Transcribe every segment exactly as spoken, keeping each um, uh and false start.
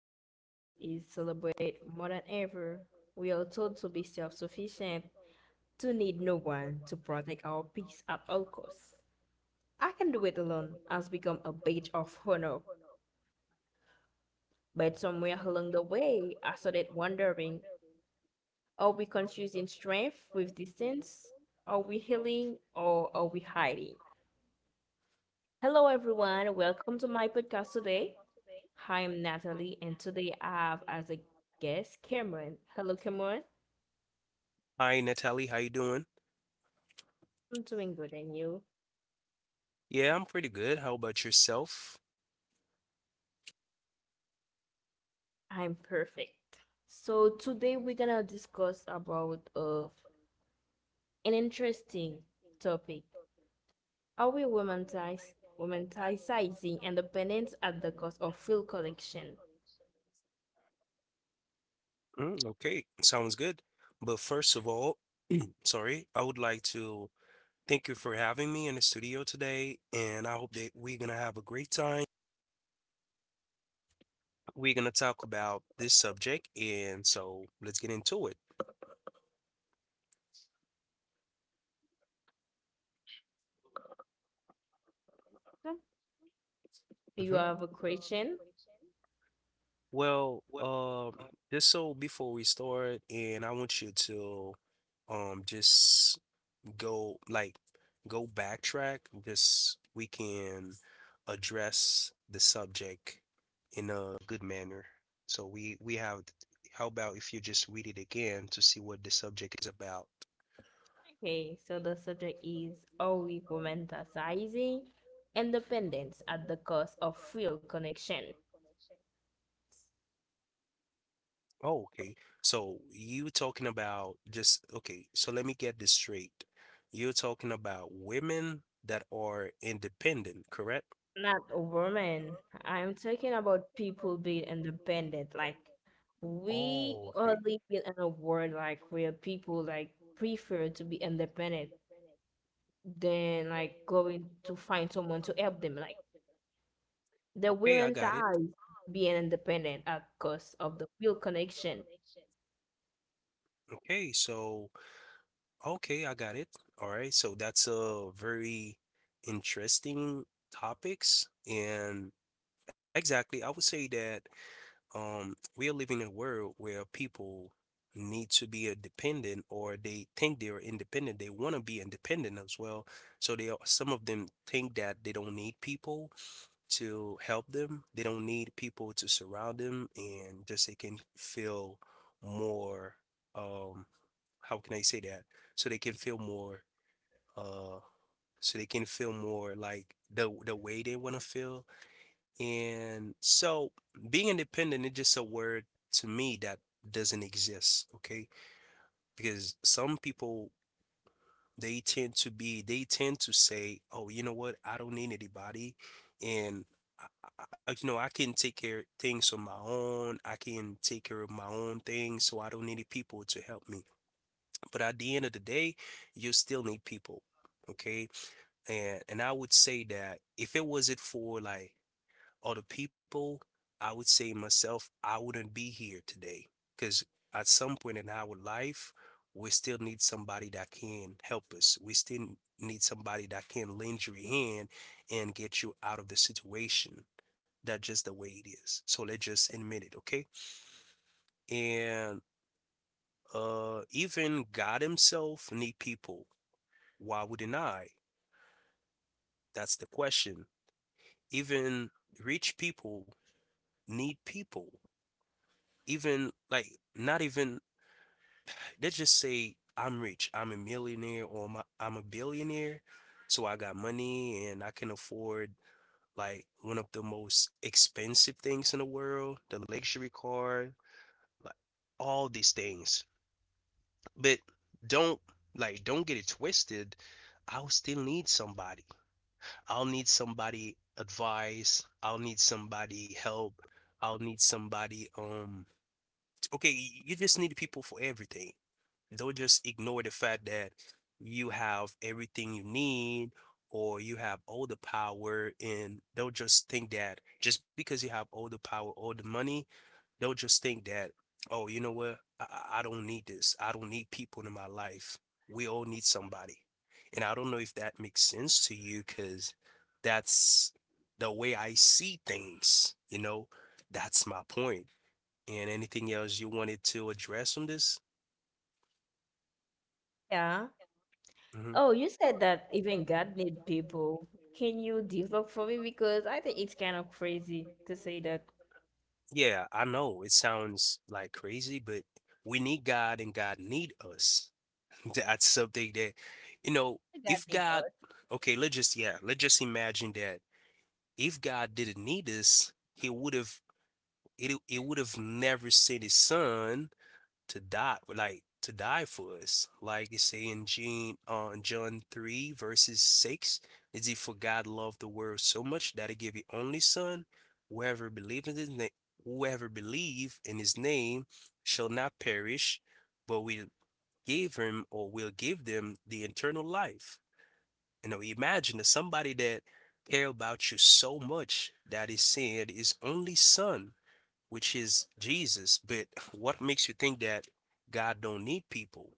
independence is celebrated more than ever. We are told to be self sufficient, to need no one, to protect our peace at all costs. I can do it alone has become a badge of honor, but somewhere along the way, I started wondering, are we confusing strength with distance? Are we healing or are we hiding? Hello, everyone. Welcome to my podcast today. Hi, I'm Natalie, and today I have as a guest Cameron. Hello, Cameron. Hi, Natalie. How you doing? I'm doing good, and you? Yeah, I'm pretty good. How about yourself? I'm perfect. So today we're gonna discuss about uh, an interesting topic: are we romantized, romanticizing independence at the cost of full collection? Mm, okay, sounds good. But first of all, sorry, I would like to thank you for having me in the studio today, and I hope that we're gonna have a great time. We're gonna talk about this subject, and so let's get into it. You Hmm. are a Christian. Well, um, just so before we start, and I want you to, um, just go like go backtrack this we can address the subject in a good manner so we we have, how about if you just read it again to see what the subject is about? Okay, so the subject is, are we romanticizing independence at the cost of real connection? Oh, okay. So you talking about, just okay, so let me get this straight, you're talking about women that are independent, correct? Not women. I'm talking about people being independent. Like, we Oh, are okay. living in a world like where people like prefer to be independent than like going to find someone to help them. Like, the Okay, I women got it. ties being independent at cost of the real connection. Okay, so okay, I got it. All right, so that's a very interesting topics, and exactly, I would say that um we are living in a world where people need to be independent or they think they are independent. They want to be independent as well. So they are, some of them think that they don't need people to help them. They don't need people to surround them, and just they can feel more, um how can I say that? So they can feel more, uh so they can feel more like the the way they want to feel. And so being independent is just a word to me that doesn't exist, okay? Because some people they tend to be they tend to say, "Oh, you know what? I don't need anybody." And I, I, you know, I can take care of things on my own. I can take care of my own things, so I don't need people to help me. But at the end of the day, you still need people. Okay. And and I would say that if it wasn't for like other people, I would say myself, I wouldn't be here today. Because at some point in our life, we still need somebody that can help us. We still need somebody that can lend you a hand and get you out of the situation. That's just the way it is. So let's just admit it, okay? And uh even God himself need people. Why wouldn't I? That's the question. Even rich people need people. Even like not even they just say I'm rich, I'm a millionaire, or I'm a, I'm a billionaire, so I got money and I can afford like one of the most expensive things in the world, the luxury car, like all these things. But don't, like don't get it twisted. I'll still need somebody. I'll need somebody advice. I'll need somebody help. I'll need somebody, um okay, you just need people for everything. Don't just ignore the fact that you have everything you need, or you have all the power, and don't just think that just because you have all the power, all the money, don't just think that, oh, you know what? I, I I don't need this. I don't need people in my life. We all need somebody. And I don't know if that makes sense to you, because that's the way I see things, you know? That's my point. And anything else you wanted to address on this? Yeah. Hmm. Oh, you said that even God need people. Can you develop for me? Because I think it's kind of crazy to say that Yeah, I know it sounds like crazy, but we need God and God need us. That's something that, you know, God if need God, us okay, let's just, yeah, let's just imagine that if God didn't need us, he would have, it, it would have never sent his son to die, like to die for us, like it say in Jean, uh, john three verses six. Is it for god loved the world so much that he gave his only son, whoever believe in his name whoever believe in his name shall not perish, but will give him or will give them the eternal life. You know, imagine that somebody that care about you so much that he sent his only son, which is Jesus. But what makes you think that God don't need people?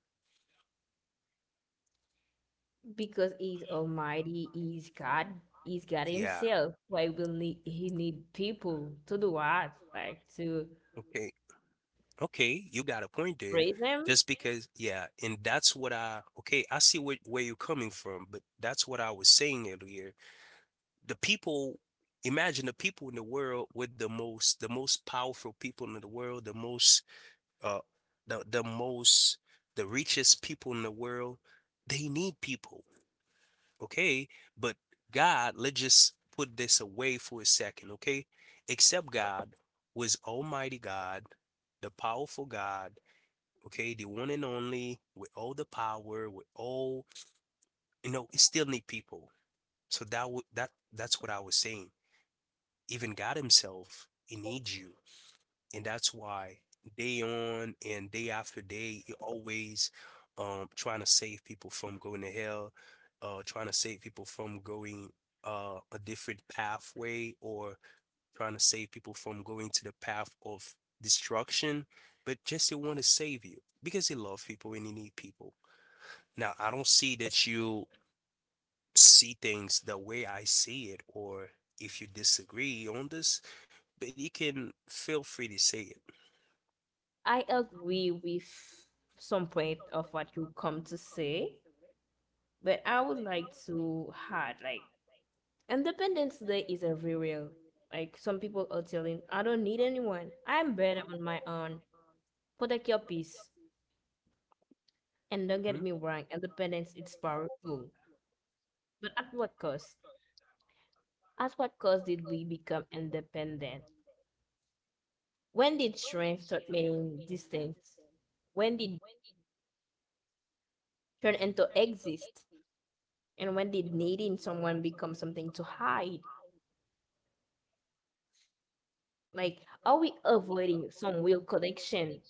because He's Almighty, He's God, He's God Yeah. Himself. Why will need He need people to do what? Like to Okay. Okay. You got a point there. praise Him? Just because, yeah, and that's what I, okay, I see where, where you're coming from, but that's what I was saying earlier. The people, imagine the people in the world with the most, the most powerful people in the world, the most, uh, the, the most, the richest people in the world, they need people, okay? But God, let's just put this away for a second, okay? Except God was Almighty God, the powerful God, okay, the one and only, with all the power, with all, you know, it still need people. So that would that that's what I was saying. Even God Himself, He needs you, and that's why day on and day after day, you're always um trying to save people from going to hell, uh trying to save people from going uh a different pathway, or trying to save people from going to the path of destruction, but just they want to save you because they love people and they need people. Now, I don't see that you see things the way I see it, or if you disagree on this, but you can feel free to say it. I agree with some point of what you come to say, but I would like to add like Independence Day is a real. Like some people are telling, I don't need anyone. I'm better on my own. Protect your peace. And don't get Hmm. me wrong, independence is powerful. But at what cost? At what cost did we become independent? When did strength start meaning distance? When did turn into exist? And when did needing someone become something to hide? Like, are we avoiding some real connection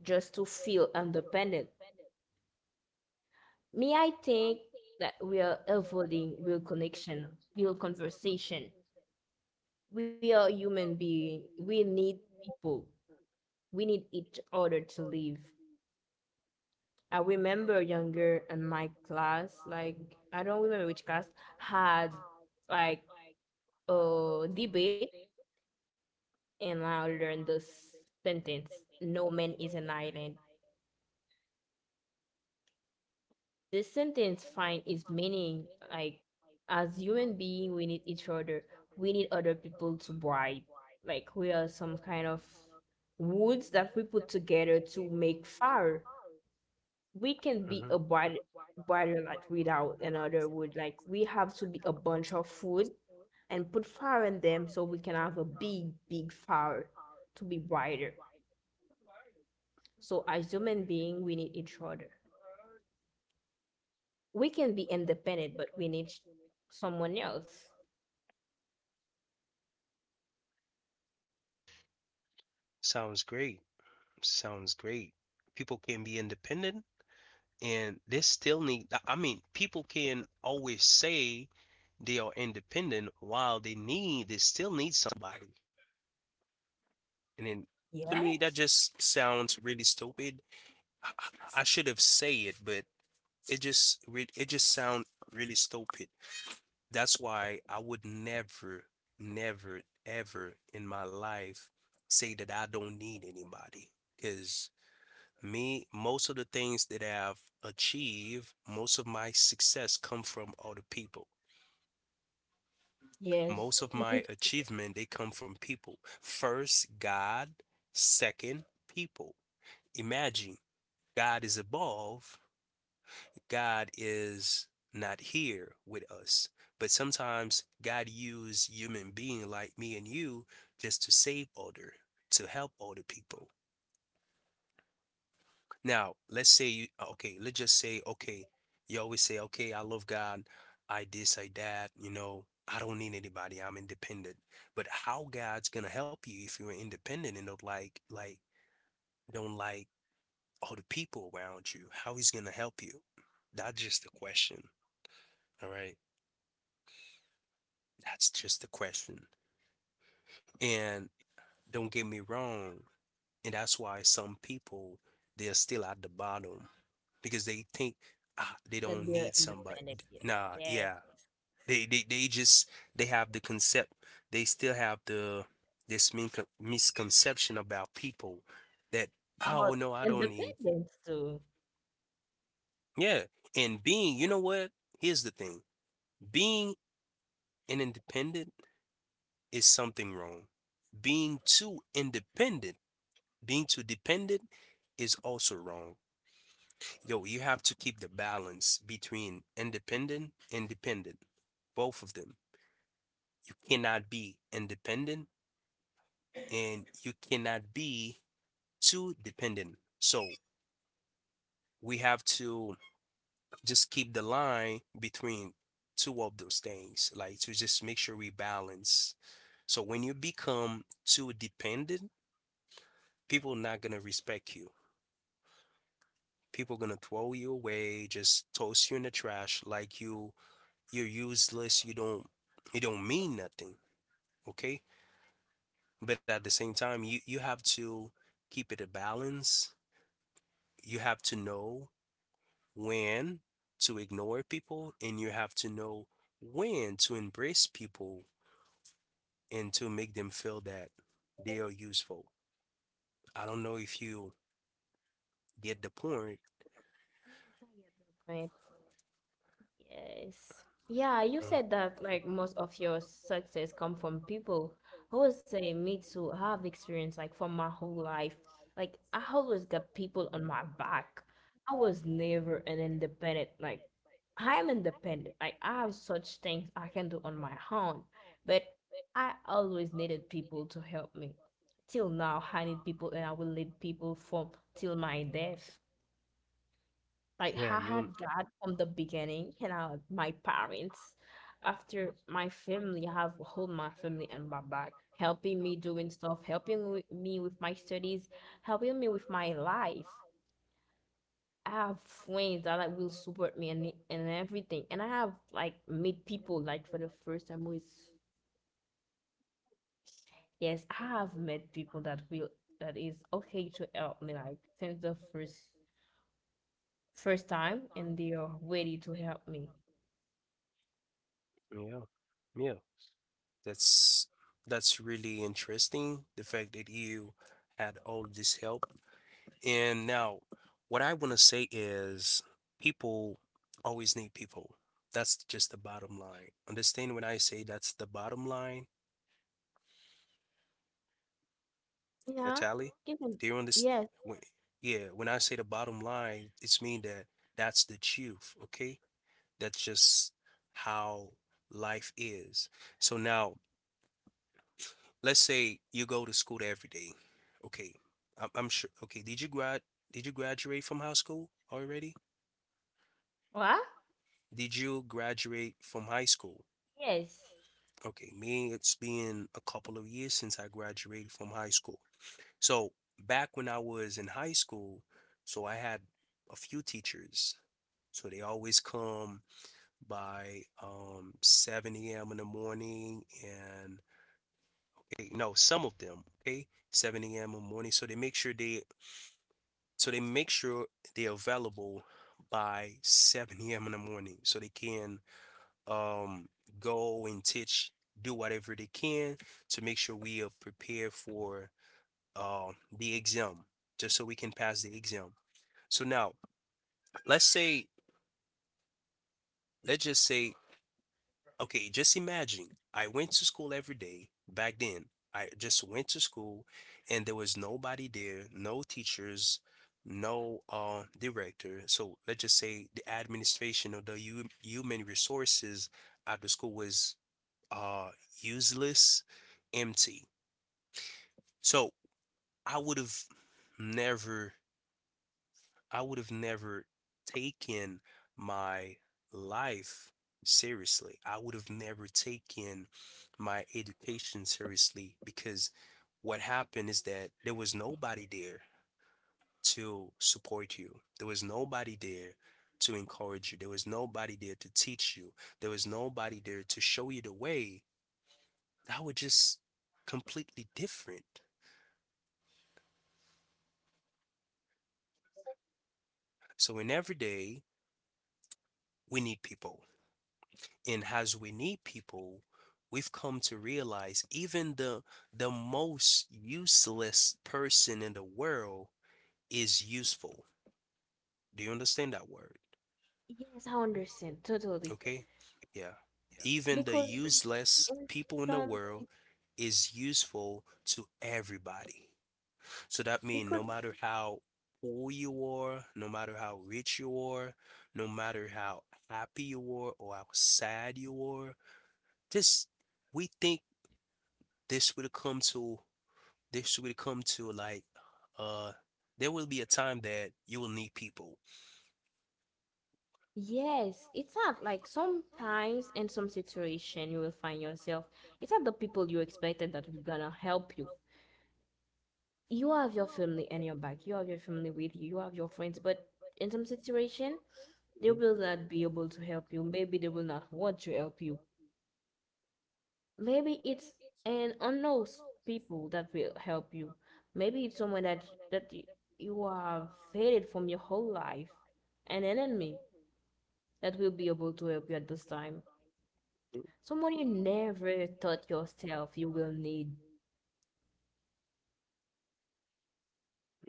just to feel independent? Me, I think that we are avoiding real connection, real conversation. We are human being. We need people. We need each other to live. I remember younger in my class, like I don't remember which class, had like a debate, and I learned this sentence, no man is an island. This sentence find its meaning, like, as human being we need each other. We need other people to bribe. Like, we are some kind of woods that we put together to make fire. We can be Hmm. a brighter brighter light without another wood. Like, we have to be a bunch of wood and put fire in them so we can have a big, big fire to be brighter. So as human being we need each other. We can be independent, but we need someone else. Sounds great. Sounds great. People can be independent and they still need, I mean, people can always say they are independent while they need, they still need somebody. And then to me, Yes, that just sounds really stupid. I, I I should have said it, but it just re it just sound really stupid. That's why I would never, never, ever in my life say that I don't need anybody, because me, most of the things that I've achieved, most of my success come from other people. yes. Most of my Means achievement, they come from people. First, God. Second, people. Imagine God is above, God is not here with us. But sometimes God use human being like me and you just to save other, to help other people. Now, let's say you, okay, let's just say, okay, you always say, okay, I love God, I this, I that, you know, I don't need anybody, I'm independent. But how God's gonna help you if you're independent and don't like like don't like all the people around you? How he's gonna help you? That's just the question. All right. That's just the question. And don't get me wrong, and that's why some people they're still at the bottom because they think ah, they that don't they're need somebody. independent. Yeah. Nah, Yes. yeah, They they they just they have the concept. They still have the this min- misconception about people that oh About no, I don't need. independence too. Yeah, and being you know what? Here's the thing. Being an independent is something wrong. Being too independent, being too dependent is also wrong. Yo, you have to keep the balance between independent and dependent. Both of them. You cannot be independent and you cannot be too dependent. So we have to just keep the line between two of those things, like to just make sure we balance. So when you become too dependent, people are not gonna respect you. People gonna throw you away, just toss you in the trash, like you you're useless. You don't you don't mean nothing. Okay, but at the same time, you you have to keep it a balance. You have to know when to ignore people, and you have to know when to embrace people and to make them feel that they are useful. I don't know if you get the point. Yes, I get the point. Yes. Yeah, you Mhm. said that like most of your success come from people. I would say me too. I have experience like from my whole life. Like, I always got people on my back. I was never an independent. Like, I'm independent. Like, I have such things I can do on my own. But I always needed people to help me. Till now, I need people and I will need people from till my death. Like, Yeah, I you had God from the beginning, you know, my parents, after my family, I have whole my family and my back, helping me doing stuff, helping wi- me with my studies, helping me with my life. I have friends that like will support me and and everything, and I have like meet people like for the first time who is yes, I have met people that will that is okay to help me like since the first first time, and they are ready to help me. yeah. Yeah. That's that's really interesting. The fact that you had all this help. And now, what I want to say is people always need people. That's just the bottom line. Understand when I say that's the bottom line, Yeah, Natalie? given. Do you understand? Yes. When, yeah, when I say the bottom line, it's mean that that's the truth, okay? That's just how life is. So now, let's say you go to school every day. Okay. I'm, I'm sure. Okay, did you grad did you graduate from high school already? What? Did you graduate from high school? Yes. Okay, me, it's been a couple of years since I graduated from high school. So back when I was in high school, so I had a few teachers. So they always come by um seven a m in the morning and eh, no, some of them, okay, seven a m in the morning. So they make sure they so they make sure they're available by seven a m in the morning so they can, um, go and teach, do whatever they can to make sure we are prepared for, uh, the exam, just so we can pass the exam. So now, let's say, let's just say, okay, just imagine I went to school every day back then. I just went to school and there was nobody there, no teachers, no uh, director. So let's just say the administration or the hu- human resources at the school was uh useless, empty. So I would have never, i would have never taken my life seriously. I would have never taken my education seriously, because what happened is that there was nobody there to support you, there was nobody there to encourage you, there was nobody there to teach you, there was nobody there to show you the way. That was just completely different. So in every day, we need people. And as we need people, we've come to realize even the the most useless person in the world is useful. Do you understand that word? Yes, I understand totally. Okay? Yeah. Even the Because mhm. useless In people in the some world si- is useful to everybody. So that means because no matter how poor you are, no matter how rich you are, no matter how happy you are or how sad you are, just we think this would come to this would come to, like, uh there will be a time that you will need people. yes, it's not like sometimes in some situation you will find yourself. It's not the people you expected that will gonna help you. You have your family in your back. You have your family with you. You have your friends, but in some situation they Mhm. will not be able to help you. Maybe they will not want to help you. Maybe it's an unknown people that will help you. Maybe it's someone that that you, you have hated from your whole life, an enemy that will be able to help you at this time. Someone you never thought yourself you will need.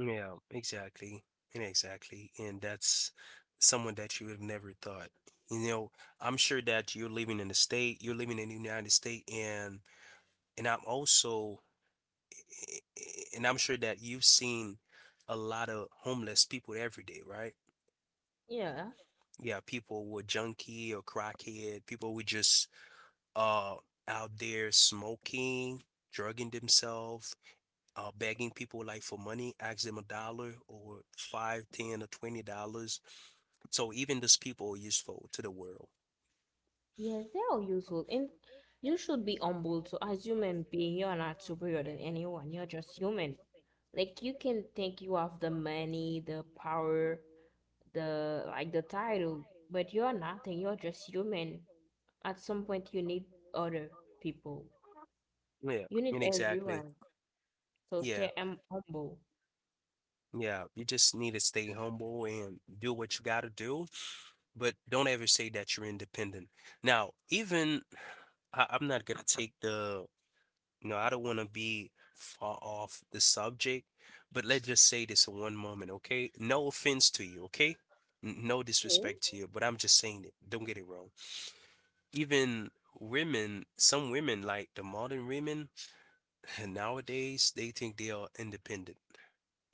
mm Yeah, exactly. And exactly. And that's someone that you would have never thought. You know, I'm sure that you're living in the state, you're living in the United States, and and I'm also and I'm sure that you've seen a lot of homeless people every day, right? Yeah. Yeah, people were junkie or crackhead. People were just uh out there smoking, drugging themselves, uh begging people, like, for money, ask them a dollar or five, ten, or twenty dollars. So even those people are useful to the world. Yes, they're all useful. And you should be humble. So as human being, you're not superior than anyone. You're just human. Like, you can think you have the money, the power, the like the title, but you are nothing. You're just human. At some point, you need other people. Yeah, You need and exactly. everyone. So Yeah. stay um, humble. Yeah, you just need to stay humble and do what you gotta do, but don't ever say that you're independent. Now, even I, I'm not gonna take the— you know, I don't want to be far off the subject, but let's just say this in one moment, okay? No offense to you, okay? N- No Okay. disrespect to you, but I'm just saying it. Don't get it wrong. Even women, some women, like the modern women nowadays, they think they are independent.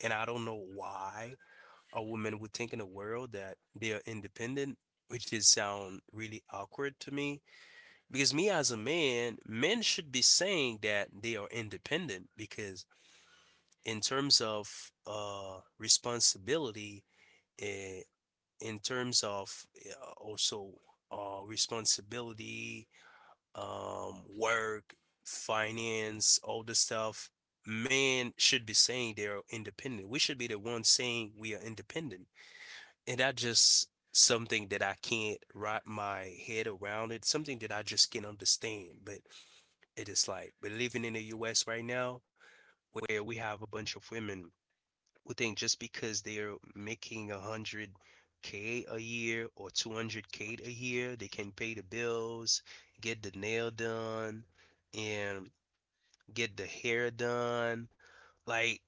And I don't know why a woman would think in the world that they are independent, which is sound really awkward to me. Because me as a man, men should be saying that they are independent because in terms of uh, responsibility, eh, in terms of uh, also uh, responsibility, um, work, finance, all the stuff, men should be saying they're independent. We should be the ones saying we are independent. And that just something that I can't wrap my head around. It's something that I just can't understand. But it is like we're living in the U S right now where we have a bunch of women would think just because they're making a hundred K a year or two hundred K a year, they can pay the bills, get the nail done, and get the hair done, like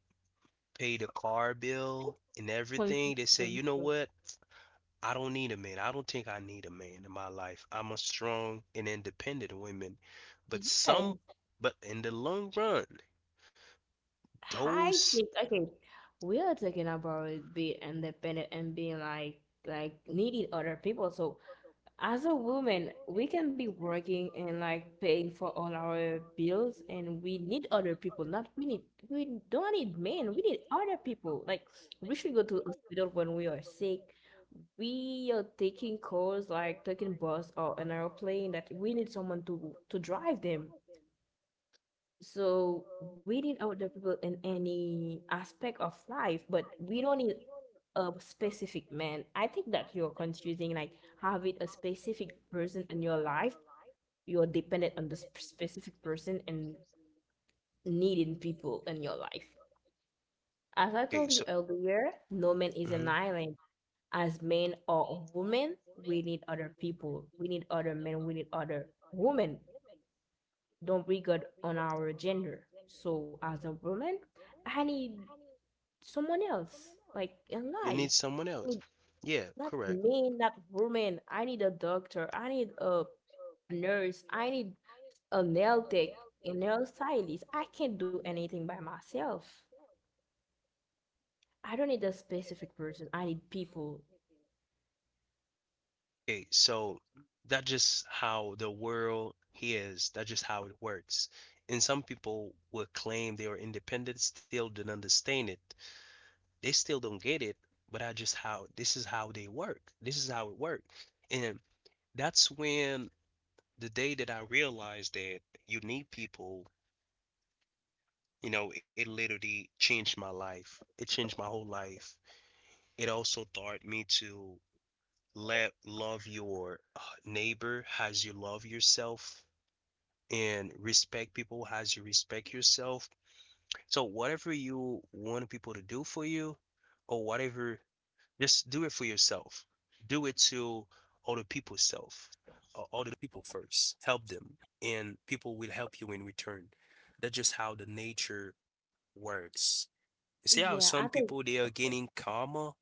pay the car bill and everything. They say, Confusing. you know what? I don't need a man. I don't think I need a man in my life. I'm a strong and independent woman. But some, Yes, but in the long run, I those, think okay. We are talking about being independent and being like like needing other people. So as a woman, we can be working and like paying for all our bills, and we need other people. Not we need we don't need men. We need other people. Like, we should go to hospital when we are sick. We are taking calls like taking bus or an airplane that we need someone to to drive them. So we need older people in any aspect of life, but we don't need a specific man. I think that you're confusing like having a specific person in your life, you're dependent on this p- specific person and needing people in your life. As I okay, told you so earlier, no man is an mhm, island. As men or women, we need other people. We need other men. We need other women. Don't regard on our gender. So as a woman, I need someone else, like in you life. need someone I else. need Yeah, not correct. men, not woman. I need a doctor. I need a nurse. I need a nail tech, a nail stylist. I can't do anything by myself. I don't need a specific person. I need people. Okay, so that's just how the world is. That's just how it works. And some people will claim they are independent, still don't understand it. They still don't get it, but that's just how this is how they work. This is how it works. And that's when the day that I realized that you need people, you know, it literally changed my life. It changed my whole life. It also taught me to let love your uh, neighbor as you love yourself and respect people as you respect yourself. So whatever you want people to do for you or whatever, just do it for yourself. Do it to other people's self, uh, other people first. Help them, and people will help you in return. That's just how the nature works. You see how Yeah, I some think people they are gaining karma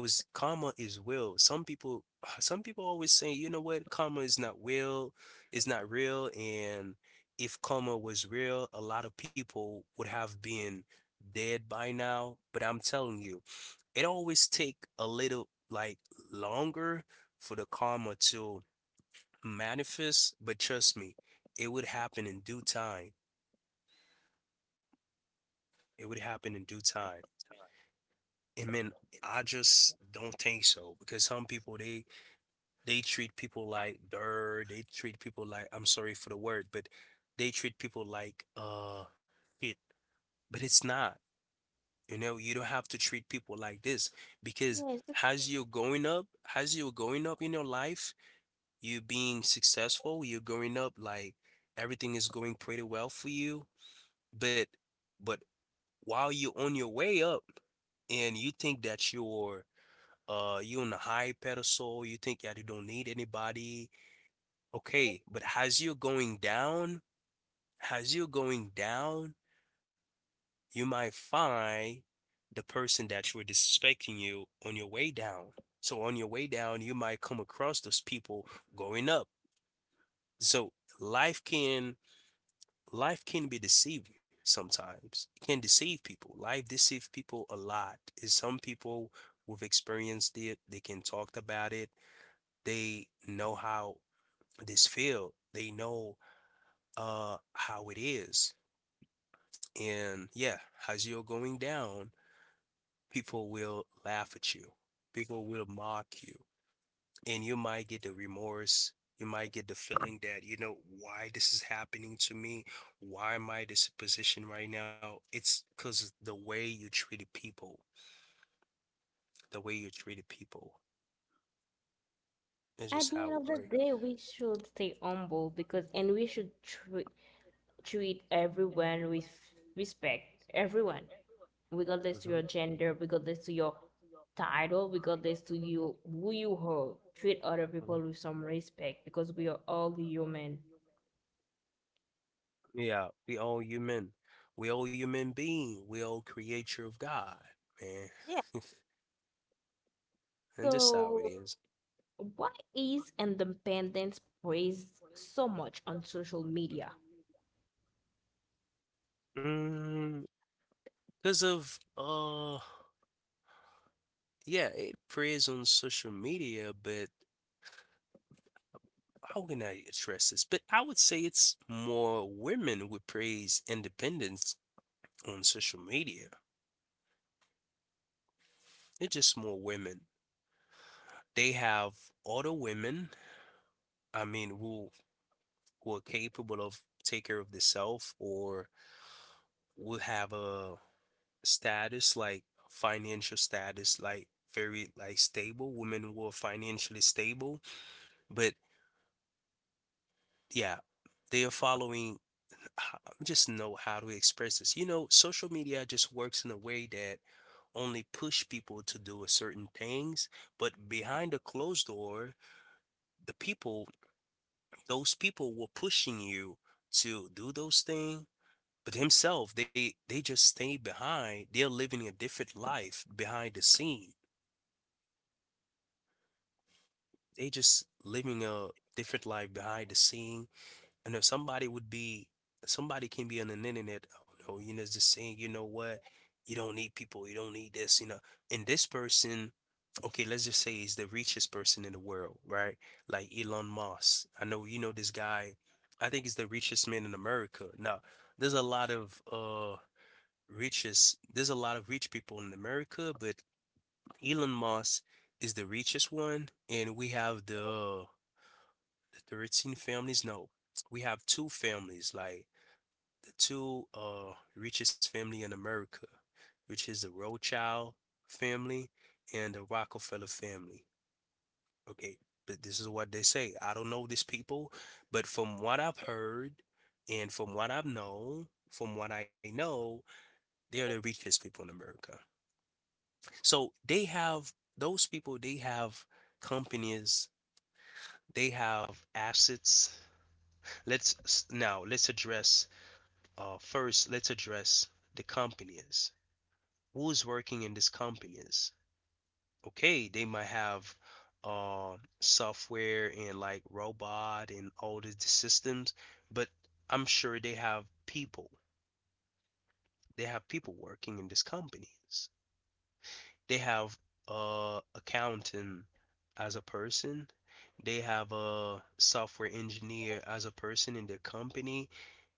because karma is will. Some people, some people always say, you know what, karma is not will, is not real, and if karma was real, a lot of people would have been dead by now. But I'm telling you, it always take a little, like, longer for the karma to manifest. But trust me, it would happen in due time. It would happen in due time. And man, I just don't think so because some people they They treat people like dirt. They treat people like, I'm sorry for the word, but they treat people like uh it. But it's not. You know, you don't have to treat people like this because yes. But as you're going up, as you're going up in your life, you being successful, you're going up, like everything is going pretty well for you. But but while you're on your way up and you think that you're uh you're on a high pedestal, you think that you don't need anybody. Okay, but as you're going down, as you're going down, you might find the person that you were disrespecting you on your way down. So on your way down, you might come across those people going up. So life can life can be deceiving sometimes. It can deceive people. Life deceives people a lot. Is some people who've experienced it, they can talk about it. They know how this feel. They know uh how it is. And yeah, as you're going down, people will laugh at you, people will mock you, and you might get the remorse. You might get the feeling that, you know, why this is happening to me? Why am I in this position right now? It's because the way you treated people, the way you treated people is at just the end how of it the works. day, we should stay humble because, and we should tr treat everyone with respect. Everyone, regardless to your Hmm. gender, regardless to your title, regardless to you who you are. Treat other people with Hmm. some respect because we are all human. Yeah, we all human. We all human being. We all creature of God, man. Yeah. And just how it So, is. why is independence praised so much on social media? Mm, because of uh, yeah, it preys on social media, but how can I address this? But I would say it's more women who praise independence on social media. It's just more women. They have other women. I mean, who who are capable of take care of themselves or will have a status, like financial status, like very, like stable women who are financially stable, but yeah, they are following— I just know how to express this. You know, social media just works in a way that only push people to do a certain things, but behind a closed door, the people, those people were pushing you to do those things. But himself, they they just stay behind. They're living a different life behind the scene. They just living a different life behind the scene. And if somebody would be, somebody can be on the internet, oh no, you know, it's just saying, you know what, you don't need people, you don't need this, you know. And this person, okay, let's just say is the richest person in the world, right? Like Elon Musk. I know you know this guy. I think he's the richest man in America. Now, there's a lot of uh richest, there's a lot of rich people in America, but Elon Musk is the richest one, and we have the, uh, the thirteen families. No, we have two families. Like the two uh richest family in America, which is the Rothschild family and the Rockefeller family. Okay, but this is what they say. I don't know these people, but from what I've heard and from what I've known, from what I know, they are the richest people in America. So they have those people. They have companies. They have assets. Let's now let's address uh first. Let's address the companies who's working in these companies. Okay, they might have uh software and, like, robot and all the, the systems, but I'm sure they have people. They have people working in these companies. They have uh accountant as a person. They have a software engineer as a person in their company.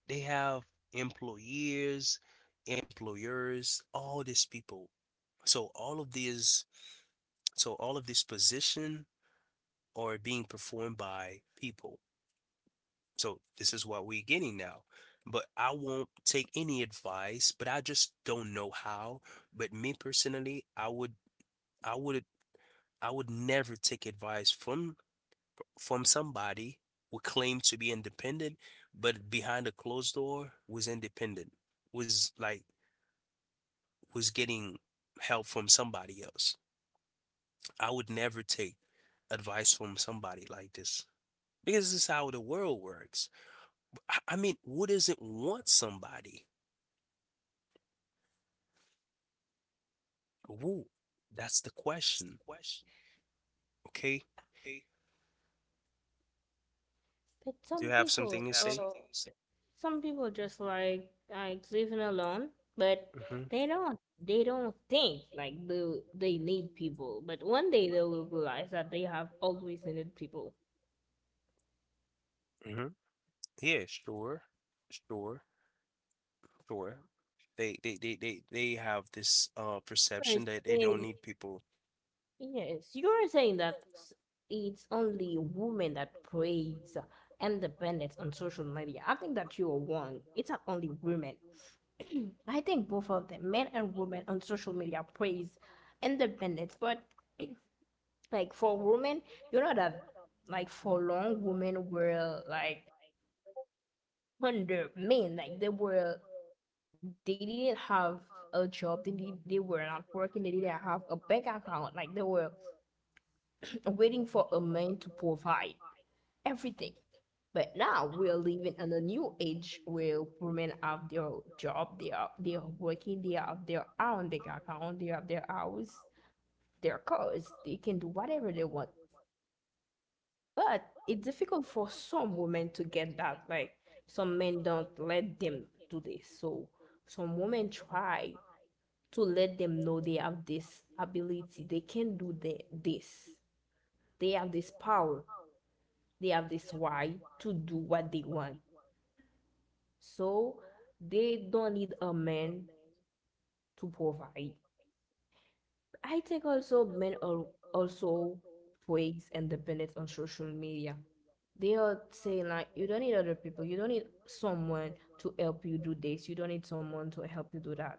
They have employees, employers, all these people. So all of these So all of this position are being performed by people. So this is what we're getting now. But I won't take any advice, but I just don't know how. But me personally, I would I would I would never take advice from from somebody who claimed to be independent, but behind a closed door was independent, was like was getting help from somebody else. I would never take advice from somebody like this, because this is how the world works. I, I mean, who doesn't want somebody? Who? That's the question. Okay. But Do you some have people, something to say? oh, some people just like like living alone, but Hmm. they don't they don't think like they they need people. But one day they will realize that they have always needed people. Hmm. Yeah, sure, sure, sure. They, they, they, they, they have this uh perception First, that they don't they need people. Yes, you are saying that s- it's only women that praise independence on social media. I think that you are wrong. It's not only women. I think both of them, men and women on social media, praise independence, but like for women, you know that like for long women were like under men, like they were they didn't have a job, they did, they were not working, they didn't have a bank account, like they were waiting for a man to provide everything. But now we are living in a new age where women have their job, they are they are working, they have their own bank account, they have their house, their cars, they can do whatever they want. But it's difficult for some women to get that. Like, some men don't let them do this. So some women try to let them know they have this ability. They can do the, this. They have this power. They have this why to do what they want. So they don't need a man to provide. I think also men are also praise and dependence on social media. They are saying like you don't need other people, you don't need someone to help you do this, you don't need someone to help you do that.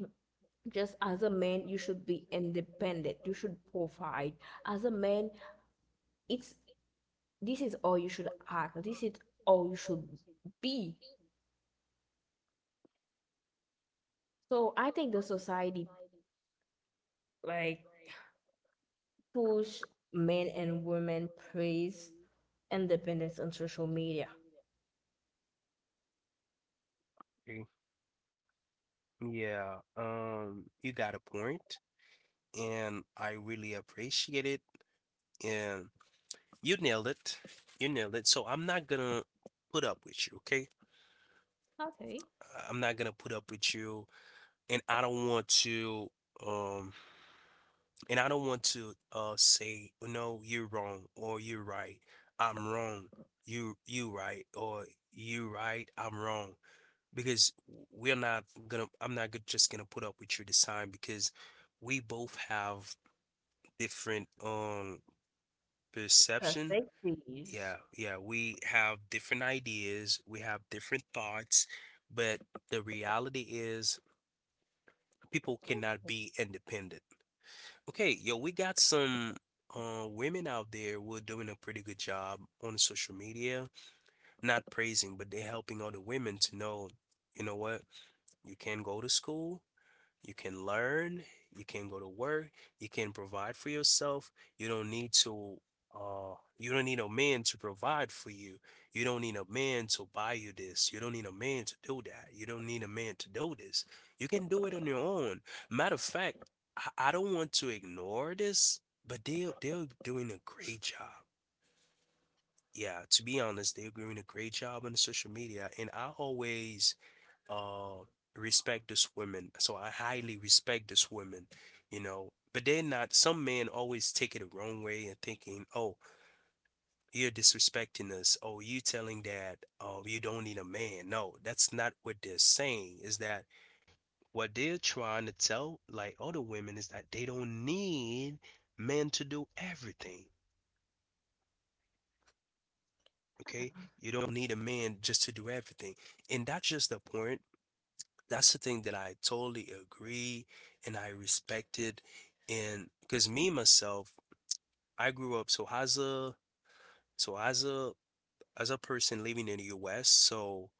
Just as a man, you should be independent. You should provide. As a man, it's this is all you should act. This is all you should be. So I think the society like push men and women praise independence on social media. Okay. Yeah. Um, you got a point, and I really appreciate it. And you nailed it. You nailed it. So I'm not gonna put up with you. Okay. Okay. I- I'm not gonna put up with you, and I don't want to um and I don't want to uh say no you're wrong or you're right, I'm wrong, you you right, or you right, I'm wrong, because we're not gonna I'm not go- just gonna put up with you this time because we both have different um perception. Yeah, Perspectives. yeah, we have different ideas, we have different thoughts, but the reality is people cannot Okay, be independent. Okay, yo, we got some uh, women out there who are doing a pretty good job on social media, not praising, but they're helping other women to know, you know what, you can go to school, you can learn, you can go to work, you can provide for yourself. You don't need to uh you don't need a man to provide for you. You don't need a man to buy you this. You don't need a man to do that. You don't need a man to do this. You can do it on your own. Matter of fact, I, I don't want to ignore this, but they they're doing a great job. Yeah, to be honest, they're doing a great job on social media, and I always uh respect this woman. So I highly respect this woman, you know. But they're not, some men always take it the wrong way and thinking, oh, you're disrespecting us. Oh, you telling that, oh, you don't need a man. No, that's not what they're saying. Is that what they're trying to tell like other women, is that they don't need men to do everything. Okay? You don't need a man just to do everything. And that's just the point. That's the thing that I totally agree and I respected. And because me myself, I grew up so as a so as a as a person living in the U S, so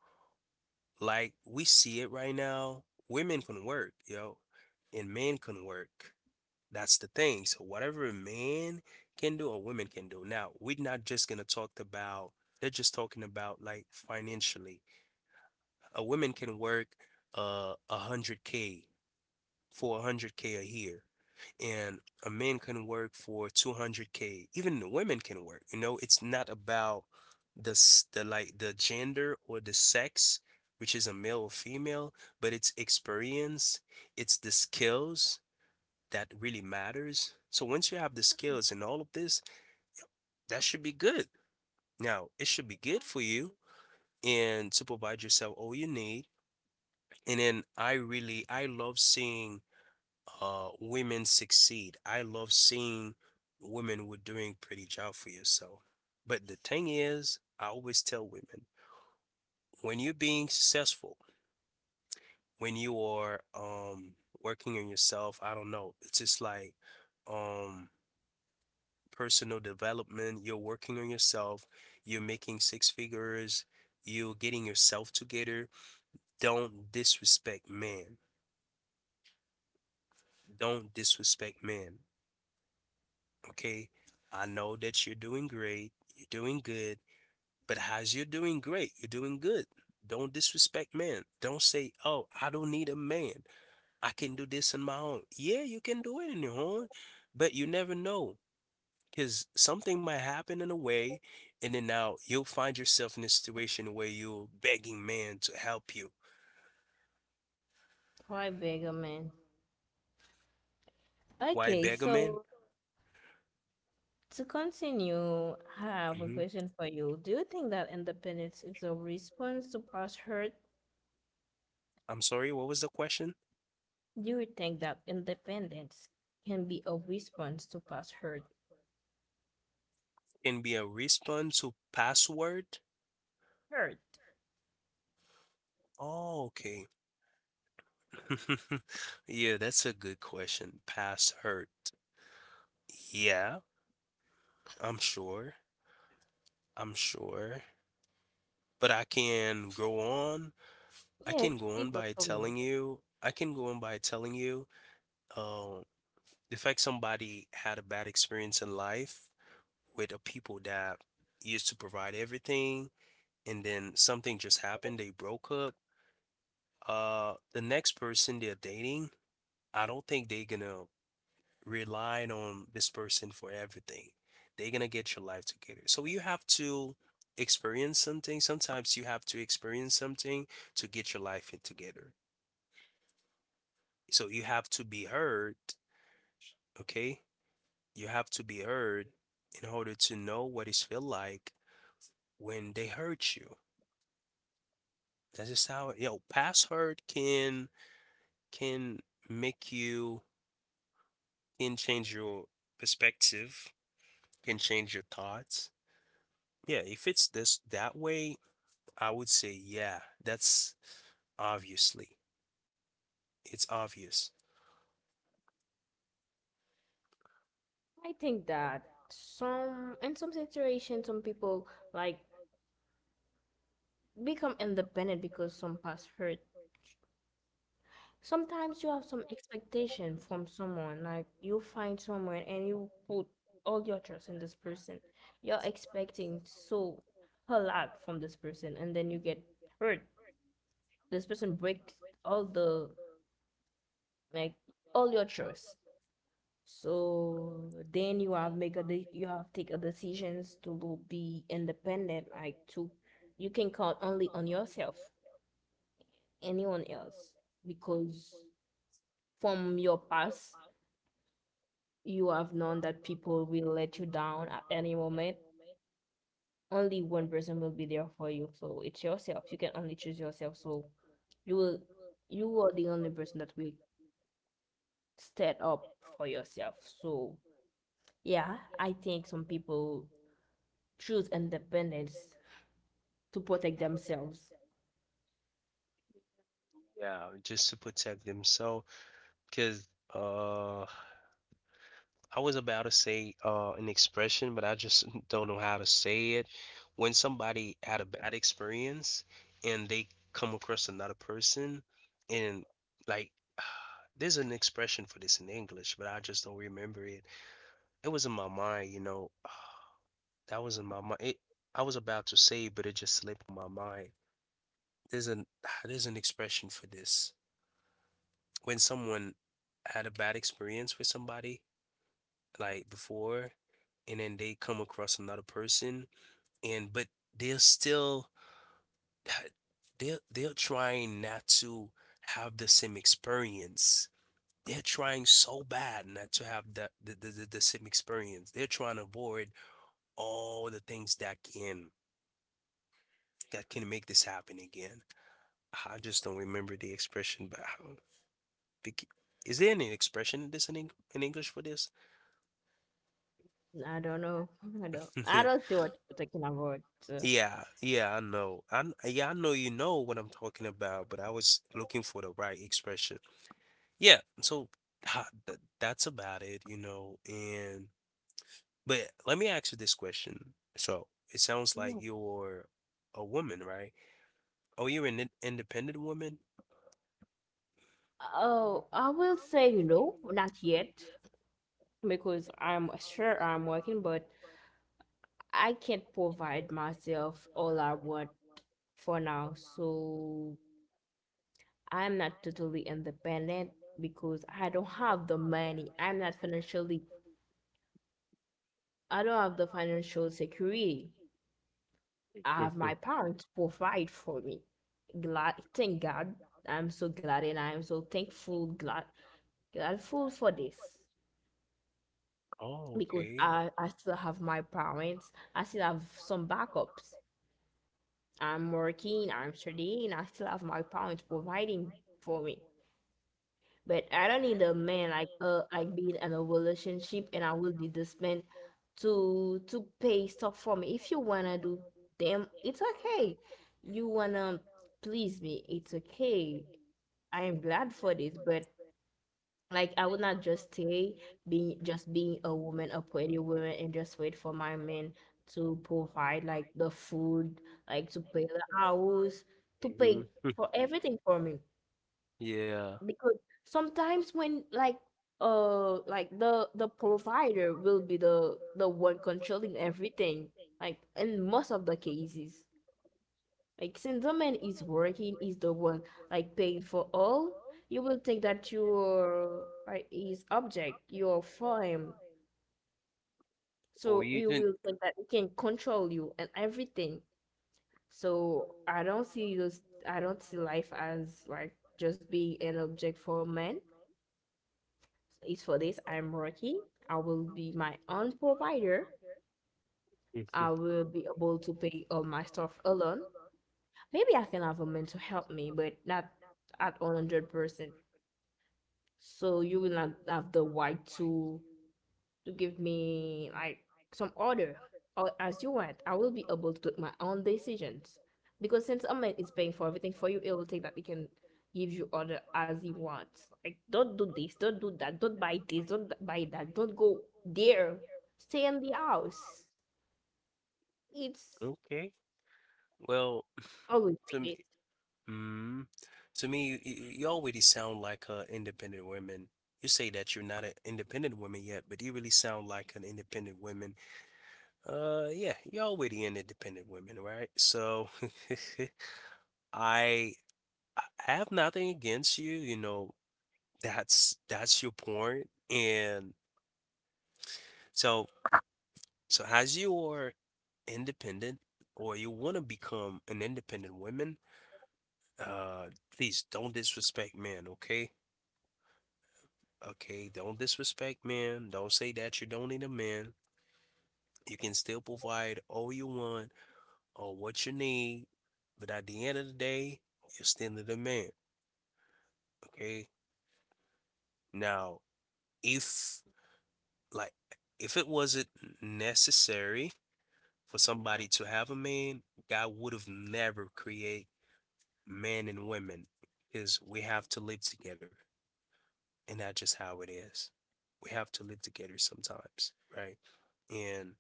like we see it right now, women can work, yo, and men can work. That's the thing. So whatever a man can do, a woman can do. Now, we're not just gonna talk about, they're just talking about like financially. A woman can work uh a hundred K, for a hundred K a year, and a man can work for two hundred k, even the women can work, you know. It's not about the the like the gender or the sex, which is a male or female, but it's experience, it's the skills that really matters. So once you have the skills and all of this, that should be good. Now it should be good for you, and to provide yourself all you need. And then I really I love seeing uh women succeed. I love seeing women were doing pretty job for yourself. But the thing is, I always tell women, when you're being successful, when you are um working on yourself, I don't know, it's just like um personal development, you're working on yourself, you're making six figures, you're getting yourself together. Don't disrespect men. Don't disrespect men. Okay, I know that you're doing great, you're doing good, but how's you're doing great, you're doing good. Don't disrespect men. Don't say, oh, I don't need a man. I can do this on my own. Yeah, you can do it on your own, but you never know, because something might happen in a way, and then now you'll find yourself in a situation where you're begging man to help you. quite big, man. Why Okay, beg a man? so to continue, I have a Hmm. question for you. Do you think that independence is a response to past hurt? I'm sorry, what was the question? Do you think that independence can be a response to past hurt? Can be a response to password. Hurt. Oh, okay. Yeah, that's a good question. Past hurt. Yeah, I'm sure. I'm sure. But I can go on. I Yes, can go these on are by for me. telling you. I can go on by telling you, uh, the fact somebody had a bad experience in life with a people that used to provide everything, and then something just happened, they broke up. Uh, the next person they're dating, I don't think they're gonna relying on this person for everything. They're gonna get your life together. So you have to experience something. Sometimes you have to experience something to get your life in together. So you have to be heard, okay? You have to be heard in order to know what it feel like when they hurt you. That's just how you know past hurt can can make you, can change your perspective, can change your thoughts. Yeah, if it's this that way, I would say, yeah, that's obviously, it's obvious. I think that some in some situations, some people like become independent because some past hurt. Sometimes you have some expectation from someone, like you find someone and you put all your trust in this person. You're expecting so a lot from this person, and then you get hurt. This person breaks all the like all your trust. So then you have make a de- you have take a decisions to be independent, like to you can count only on yourself, anyone else, because from your past you have known that people will let you down at any moment. Only one person will be there for you. So it's yourself. You can only choose yourself. So you will you are the only person that will stand up for yourself. So yeah, I think some people choose independence to protect themselves. Yeah, just to protect themselves, because uh, I was about to say uh, an expression, but I just don't know how to say it. When somebody had a bad experience and they come across another person, and like, there's an expression for this in English, but I just don't remember it. It was in my mind, you know. That was in my mind. It, I was about to say, but it just slipped my mind. There's an there's an expression for this. When someone had a bad experience with somebody like before, and then they come across another person, and but they're still they're they're trying not to have the same experience. They're trying so bad not to have that the, the, the, the same experience. They're trying to avoid all the things that can that can make this happen again. I just don't remember the expression, but I bec- is there any expression in this in, Eng- in English for this? I don't know. I don't I don't see what you're talking about. So Yeah, yeah, I know. I kn- yeah, I know you know what I'm talking about, but I was looking for the right expression. Yeah, so ha- th- that's about it, you know. And but let me ask you this question. So it sounds like yeah. you're a woman, right? Oh, you're an in- independent woman? Oh, I will say no, not yet. Because I'm sure I'm working, but I can't provide myself all I want for now, so I'm not totally independent because I don't have the money. I'm not financially, I don't have the financial security. I have Mhm. my parents provide for me. Glad, thank God. I'm so glad and I'm so thankful, glad, grateful for this Oh, because okay. I, I still have my parents. I still have some backups. I'm working, I'm studying, I still have my parents providing for me. But I don't need a man like uh like being in a relationship and I will need this man to to pay stuff for me. If you wanna do them, it's okay. You wanna please me, it's okay. I am glad for this, but like I would not just stay being just being a woman, a pretty woman, and just wait for my men to provide like the food, like to pay the house, to Hmm. pay for everything for me. Yeah. Because sometimes when like uh like the the provider will be the the one controlling everything, like in most of the cases. Like since the man is working, is the one like paying for all, you will think that you're like his object, you're for him. Oh, So you you didn't. will think that he can control you and everything. So I don't see those I don't see life as like just being an object for a man. It's for this I'm working. I will be my own provider. I will be able to pay all my stuff alone. Maybe I can have a man to help me, but not at one hundred percent. So you will not have the right to to give me like some order or as you want. I will be able to make my own decisions because since a man is paying for everything for you, it will take that he can give you order as he wants. Like don't do this, don't do that, don't buy this, don't th- buy that, don't go there. Stay in the house. It's Well, always like to this. me, mm, to me, you, you you already sound like a independent woman. You say that you're not an independent woman yet, but you really sound like an independent woman. Uh, yeah, you're already an independent woman, right? So, I I have nothing against you. You know, that's that's your point. And so, so as you are independent, or you want to become an independent woman, uh, please don't disrespect men, okay? Okay, don't disrespect men. Don't say that you don't need a man. You can still provide all you want or what you need, but at the end of the day, you're still a man. Okay. Now, if like if it wasn't necessary for somebody to have a man, God would have never create men and women, because we have to live together, and that's just how it is. We have to live together sometimes, right? And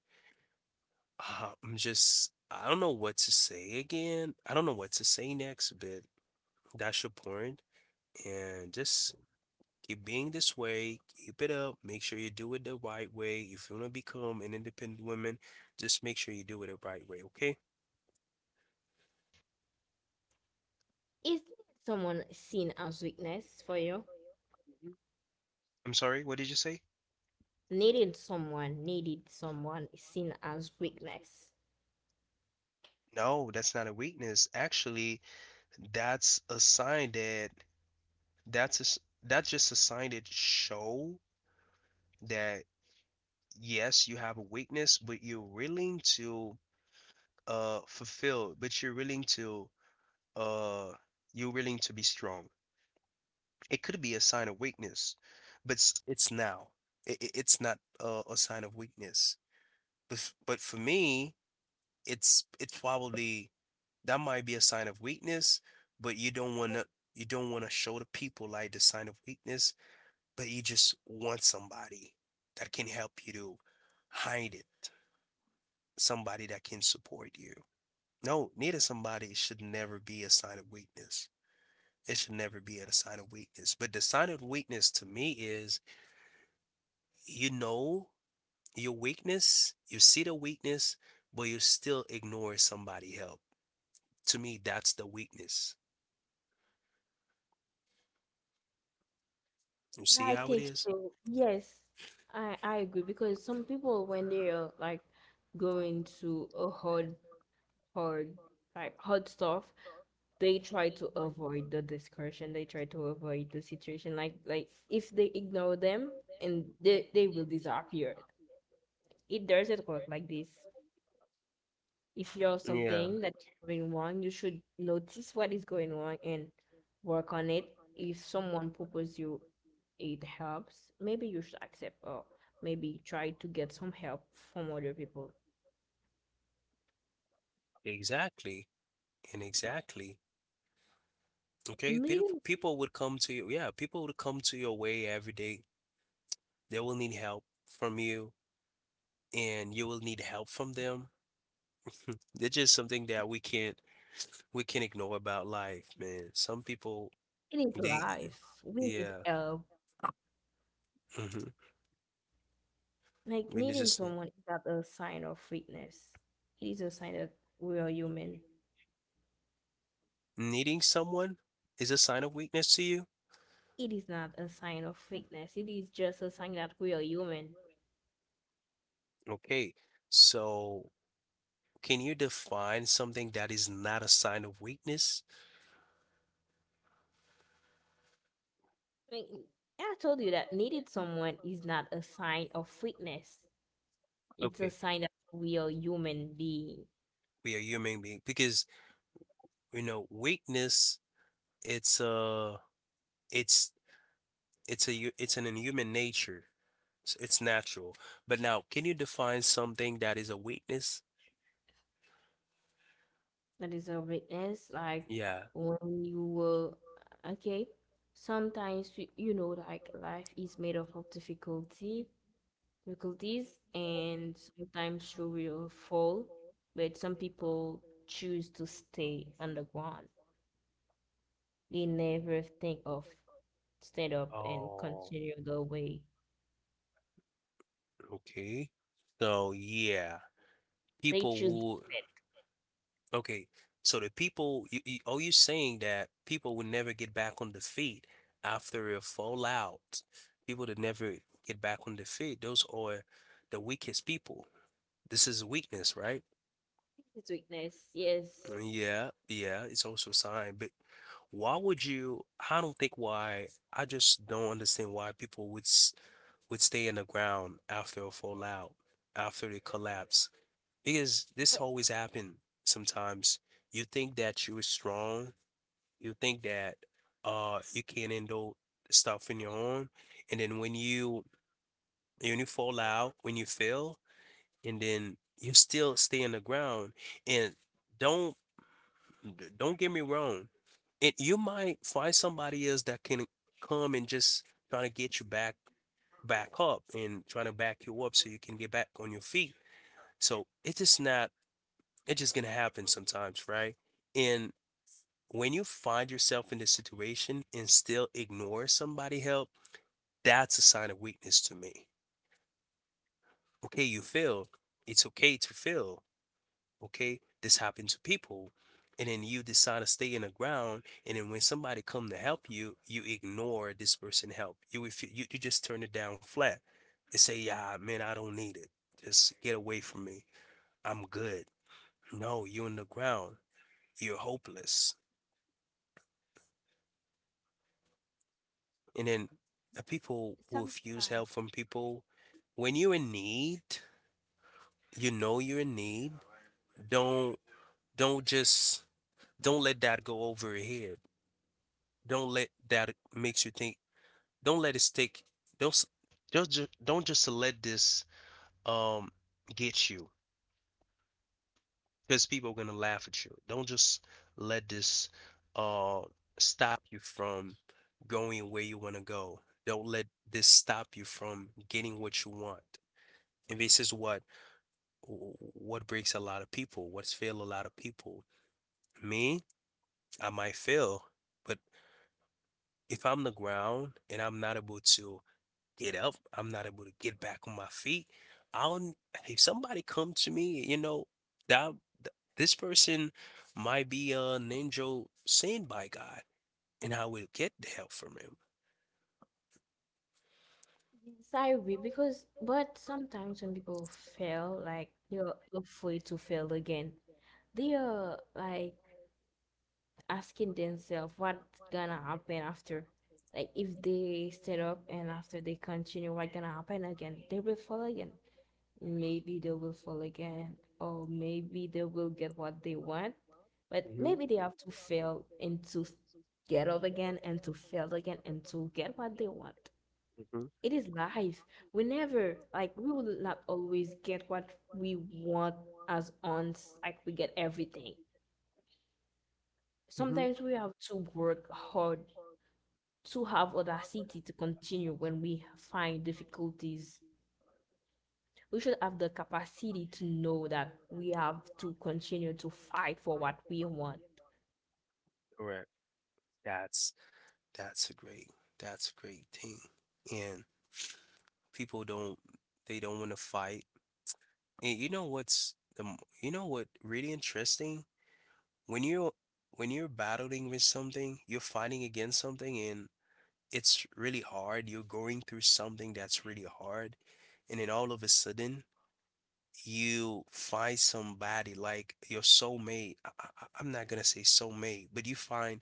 Uh, I'm just, I don't know what to say again. I don't know what to say next, but that's your point. And just keep being this way, keep it up. Make sure you do it the right way. If you want to become an independent woman, just make sure you do it the right way, okay? Is someone seen as weakness for you? Mhm. I'm sorry, what did you say? Needed someone, needed someone is seen as weakness. No, that's not a weakness. Actually, that's a sign that that's a, s- that's just a sign that show that yes, you have a weakness, but you're willing to uh fulfilled, but you're willing to uh you're willing to be strong. It could be a sign of weakness, but s- it's now. It, it- it's not uh, a sign of weakness. But f- but for me, it's it's probably that might be a sign of weakness, but you don't want to you don't want to show the people like the sign of weakness, but you just want somebody that can help you to hide it, somebody that can support you. No, needing somebody should never be a sign of weakness. It should never be a sign of weakness. But the sign of weakness to me is, you know, your weakness, you see the weakness, but you still ignore somebody help. To me, that's the weakness. You Yeah, see I how it think is? so. Yes, I I agree because some people when they are like going to a hard hard like hard stuff, they try to avoid the discussion. They try to avoid the situation. Like like if they ignore them and they they will disappear. It doesn't work like this. If you're something that's going wrong, you should notice what is going wrong and work on it. If someone proposes you it helps, maybe you should accept or maybe try to get some help from other people. Exactly. And exactly. Okay. People Needing people would come to you. Yeah, people would come to your way every day. They will need help from you, and you will need help from them. It's just something that we can't we can ignore about life, man. Some people, it is they, life. We need yeah, help. mhm. Like We need needing just, someone is not a sign of weakness. It is a sign that we are human. needing someone is a sign of weakness to you. It is not a sign of weakness. It is just a sign that we are human. Okay, so can you define something that is not a sign of weakness? I mean, I told you that needed someone is not a sign of weakness. It's a Okay, sign that we are human being. we are human being because you know weakness. It's a, it's, it's a, hu- it's an inhuman nature. s- It's natural. But now, can you define something that is a weakness? That is a weakness. Like Yeah. when you were okay. Sometimes you you know like life is made up of difficulty, difficulties, and sometimes you will fall. But some people choose to stay underground. They never think of stand up and Oh. continue the way. Okay. So yeah, They people choose will. Okay. So the people, you, you, are you saying that people will never get back on their feet after a fallout? People that never get back on their feet, those are the weakest people. This is weakness, right? it's weakness, yes. Uh, Yeah, yeah, it's also a sign. But why would you? I don't think why. I just don't understand why people would s- would stay in the ground after a fallout, after they collapse. Because this But always happen sometimes. You think that you're strong, you think that uh you can handle stuff on your own, and then when you when you fall out, when you fail, and then you still stay on the ground. And don't don't get me wrong, it you might find somebody else that can come and just trying to get you back back up and trying to back you up so you can get back on your feet. So it is not. It's just gonna happen sometimes, right? And when you find yourself in this situation and still ignore somebody help, that's a sign of weakness to me. Okay, you feel. It's okay to feel. Okay, this happened to people. And then you decide to stay in the ground. And then when somebody come to help you, you ignore this person help. You refu- you, you just turn it down flat and say, yeah, man, I don't need it. Just get away from me. I'm good. No, you're in the ground. You're hopeless. And then the people who refuse sometimes, help from people, when you're in need, you know you're in need. Don't don't just don't let that go over your head. Don't let that makes you think. Don't let it stick. Don't s- don't just don't just let this um get you because people are gonna laugh at you. Don't just let this uh stop you from going where you want to go. Don't let this stop you from getting what you want. And this is what what breaks a lot of people, what's failed a lot of people. Me, I might fail, but if I'm on the ground and I'm not able to get up, I'm not able to get back on my feet. I'll if somebody come to me, you know, that th- this person might be a ninja sent by God, and I will get the help from him. yes, I agree because, but sometimes when people fail, like you're afraid to fail again, they are like asking themselves what's gonna happen after. Like if they stand up and after they continue, what's gonna happen again? They will fall again. Maybe they will fall again, or maybe they will get what they want. But Hmm. maybe they have to fail and to get up again and to fail again and to get what they want. Hmm. It is life. We never like we will not always get what we want as aunts, like we get everything Hmm. sometimes we have to work hard to have audacity to continue when we find difficulties. We should have the capacity to know that we have to continue to fight for what we want. Right. That's that's a great that's a great thing, and people don't they don't want to fight. And you know what's the m- you know what really interesting? When you're when you're battling with something, you're fighting against something and it's really hard. You're going through something that's really hard. And then all of a sudden, you find somebody like your soulmate. I, I, I- I'm not gonna say soulmate, but you find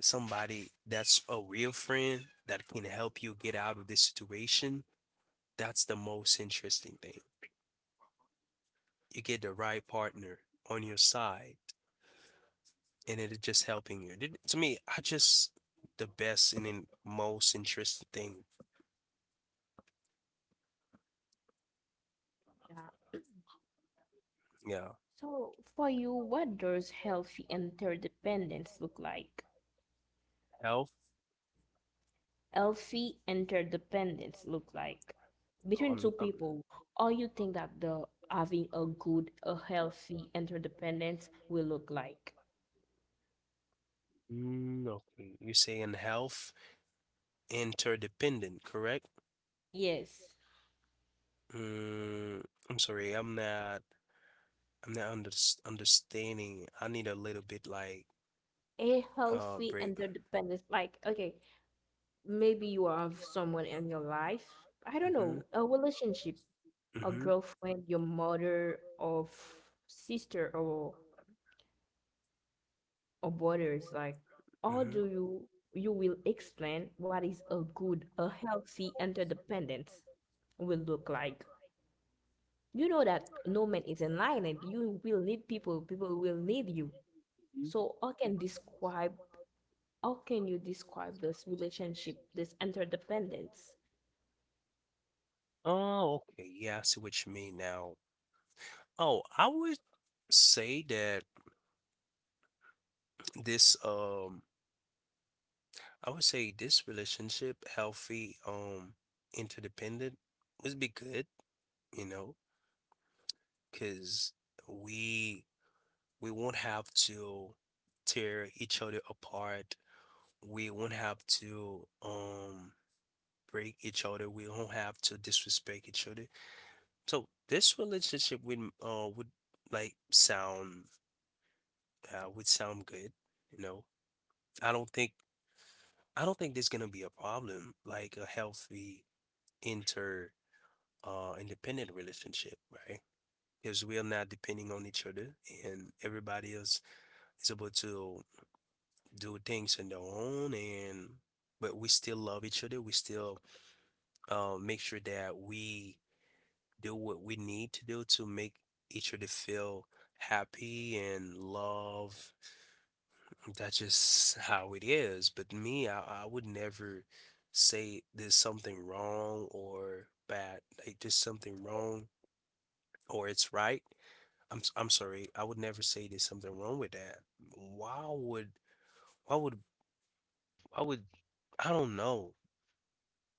somebody that's a real friend that can help you get out of this situation. That's the most interesting thing. You get the right partner on your side and it is just helping you. Did- To me, I just the best and then most interesting thing. Yeah. Yeah, So, for you, what does healthy interdependence look like? health. Healthy interdependence look like Oh, between two I'm, I'm people, or you think that the having a good, a healthy interdependence will look like? mm, okay. You saying health interdependent, correct? Yes, Mm, I'm sorry, I'm not. I'm not under, understanding. I need a little bit like a uh healthy break. interdependence. Like, okay, maybe you have someone in your life. I don't Mm-hmm. know, a relationship, a Mm-hmm. girlfriend, your mother, or f- sister, or or brothers. Like, how Mm-hmm. do you you will explain what is a good, a healthy interdependence will look like? You know that no man is an island. You will need people. People will need you. So how can describe? How can you describe this relationship, this interdependence? Okay, yeah, I see what you mean now. Oh, I would say that this um I would say this relationship, healthy, um, interdependent, would be good, you know, because we we won't have to tear each other apart. We won't have to um break each other. We won't have to disrespect each other. So this relationship would uh would like sound uh would sound good, you know. I don't think I don't think there's gonna be a problem like a healthy uh independent relationship, right? Because we are not depending on each other and everybody else is able to do things on their own and but we still love each other. We still uh make sure that we do what we need to do to make each other feel happy and love. That's just how it is. But me, I, I would never say there's something wrong or bad. Like there's something wrong or it's right. I'm s- I'm sorry. I would never say there's something wrong with that. Why would why would why would I don't know.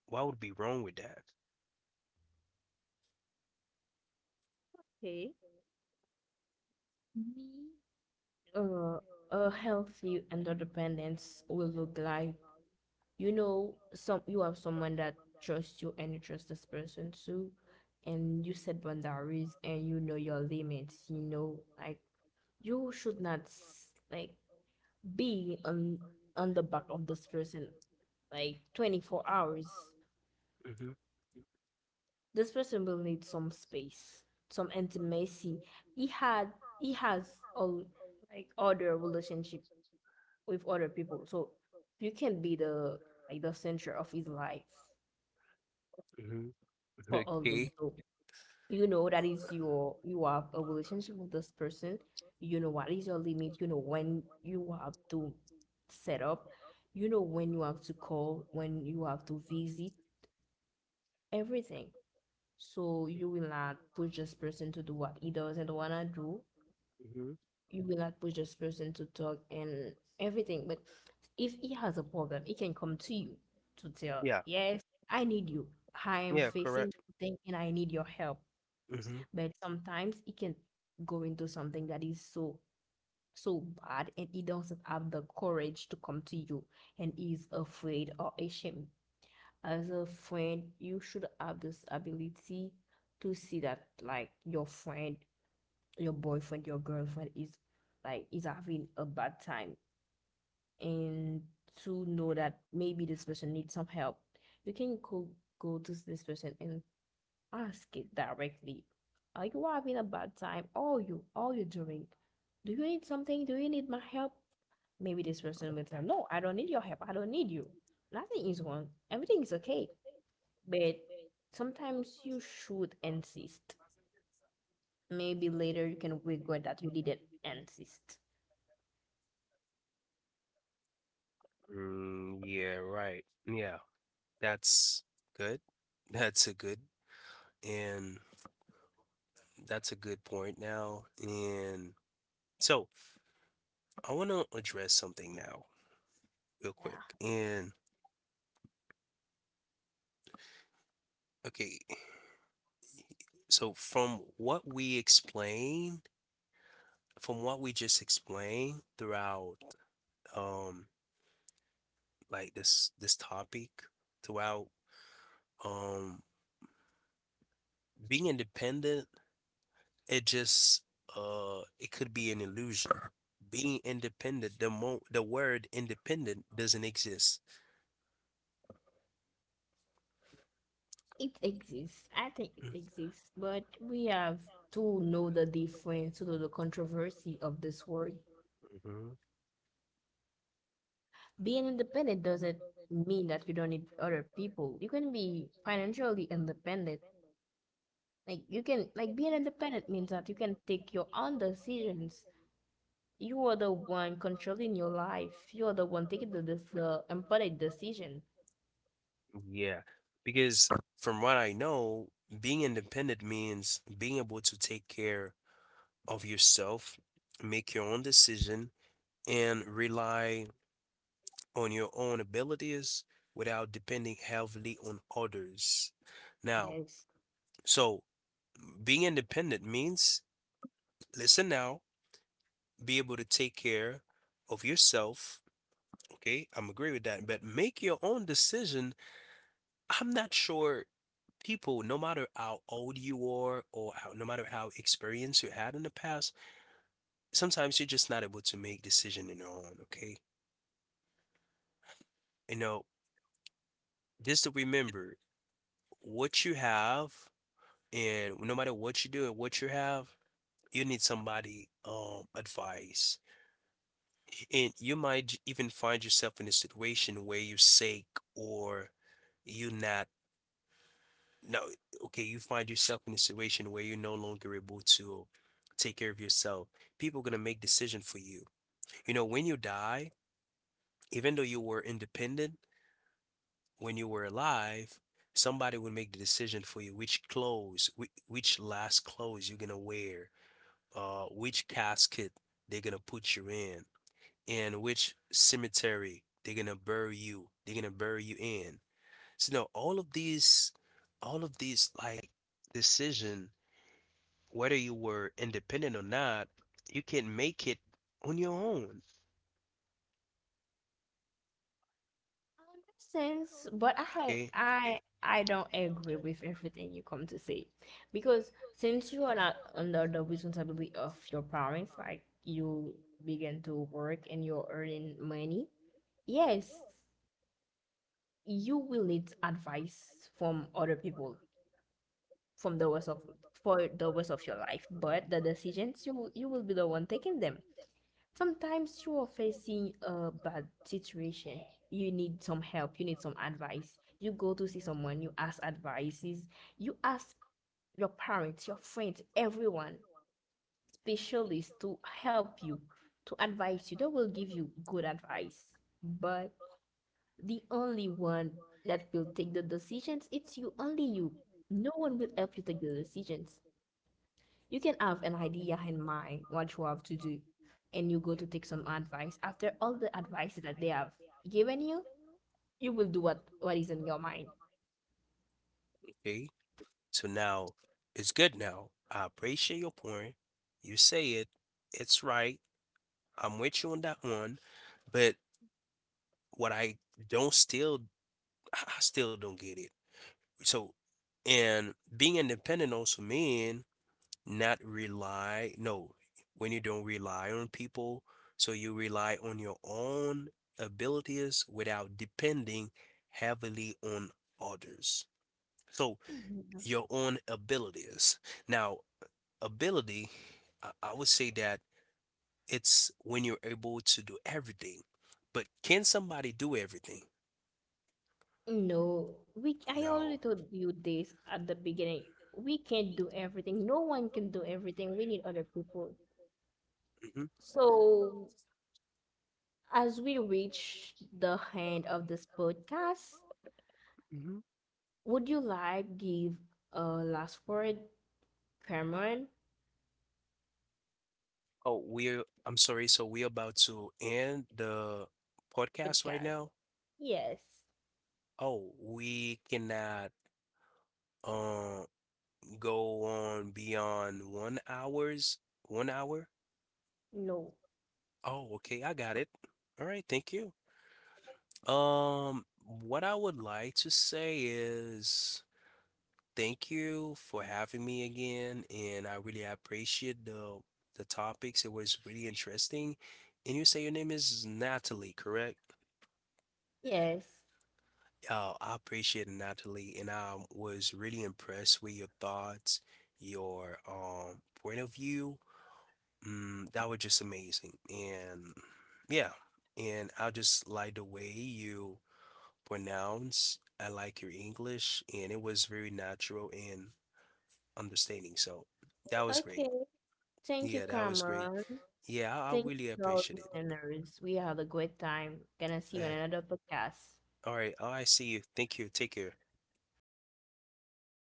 Why would be wrong with that? Okay. Me uh, a healthy interdependence will look like you know some you have someone that trusts you and you trust this person too and you set boundaries and you know your limits you know like you should not s- like be on on the back of this person like twenty-four hours Hmm. this person will need some space some intimacy he had he has all like other relationship with other people. So you can be the like the center of his life Hmm. for all day. Okay. So you know that is your you have a relationship with this person. You know what is your limit. You know when you have to set up. You know when you have to call. When you have to visit. Everything. So you will not push this person to do what he doesn't wanna do, Hmm. you will not push this person to talk and everything. But if he has a problem, he can come to you to tell, Yeah. yes, I need you. I am Yeah. facing Correct. something and I need your help. Hmm. But sometimes he can go into something that is so so bad and he doesn't have the courage to come to you and is afraid or ashamed. As a friend, you should have this ability to see that like your friend your boyfriend, your girlfriend is like is having a bad time and to know that maybe this person needs some help, you can go go to this person and ask it directly. Are you having a bad time? All you all you are doing? Do you need something? Do you need my help? Maybe this person will tell, "No, I don't need your help. I don't need you. Nothing is wrong. Everything is okay." But sometimes you should insist. Maybe later you can regret that you didn't insist. Mm, yeah. Right. Yeah. That's good. That's a good and that's a good point now. And so I want to address something now, real Yeah. quick. And okay. So from what we explain from what we just explained throughout um like this this topic throughout um being independent it just uh it could be an illusion. Being independent, the mo the word independent doesn't exist. It exists. I think it exists, but we have to know the difference, to know the controversy of this word. Hmm. Being independent doesn't mean that you don't need other people. You can be financially independent. Like you can like being independent means that you can take your own decisions. You are the one controlling your life. You are the one taking the the, the important decision. Yeah, because from what I know, being independent means being able to take care of yourself, make your own decision, and rely on your own abilities without depending heavily on others. Now, Yes. so being independent means listen now, be able to take care of yourself. Okay, I'm agree with that, but make your own decision. I'm not sure people, no matter how old you are or how, no matter how experience you had in the past, sometimes you're just not able to make decision on your own. Okay, you know, just to remember what you have. And no matter what you do and what you have, you need somebody um advice. And you might j- even find yourself in a situation where you're sick or you're not no okay, you find yourself in a situation where you're no longer able to take care of yourself. People gonna make decision for you. You know, when you die, even though you were independent when you were alive, somebody will make the decision for you which clothes, which, which last clothes you're gonna wear uh, which casket they're gonna put you in and which cemetery they're gonna bury you. They're gonna bury you in. So, you know, all of these, all of these like decision, whether you were independent or not, you can make it on your own. Sense, but I Okay. I I don't agree with everything you come to say, because since you are not under the responsibility of your parents, like you begin to work and you're earning money, yes, you will need advice from other people from the rest of for the rest of your life, but the decisions you will- you will be the one taking them. Sometimes you are facing a bad situation. You need some help. You need some advice. You go to see someone. You ask advices. You ask your parents, your friends, everyone, specialists to help you, to advise you. They will give you good advice. But the only one that will take the decisions, it's you, only you. No one will help you take the decisions. You can have an idea in mind what you have to do, and you go to take some advice. After all the advice that they have given you, you will do what what is in your mind. Okay. So now it's good now. I appreciate your point. You say it. It's right. I'm with you on that one. But what I don't still, I I still don't get it. So and being independent also mean not rely no when you don't rely on people so you rely on your own abilities without depending heavily on others. So Mhm. your own abilities now ability i, I would say that it's when you're able to do everything but can somebody do everything? No, we I already No. told you this at the beginning. We can't do everything. No one can do everything. We need other people. Mhm, So, as we reach the end of this podcast, mhm. would you like give a last word, Cameron? Oh, we're, I'm sorry. So we're about to end the podcast right Podcast. now. Yes. Oh, we cannot uh, go on beyond one hours, one hour. No. Oh, okay, I got it. All right, thank you. Um, what I would like to say is thank you for having me again, and I really appreciate the the topics. It was really interesting. And you say your name is Natalie, correct? Yes. Oh, I appreciate it, Natalie, and I was really impressed with your thoughts, your um point of view. Mm, that was just amazing. And yeah, and I just like the way you pronounce. I like your English, and it was very natural and understanding. So that was great. Okay. Thank you, Yeah, that was great. Cameron. Yeah, I, I Thank you really to all appreciate it. listeners. We had a great time. Gonna see you in Yeah. another podcast. All right. All right. See you. Thank you. Take care.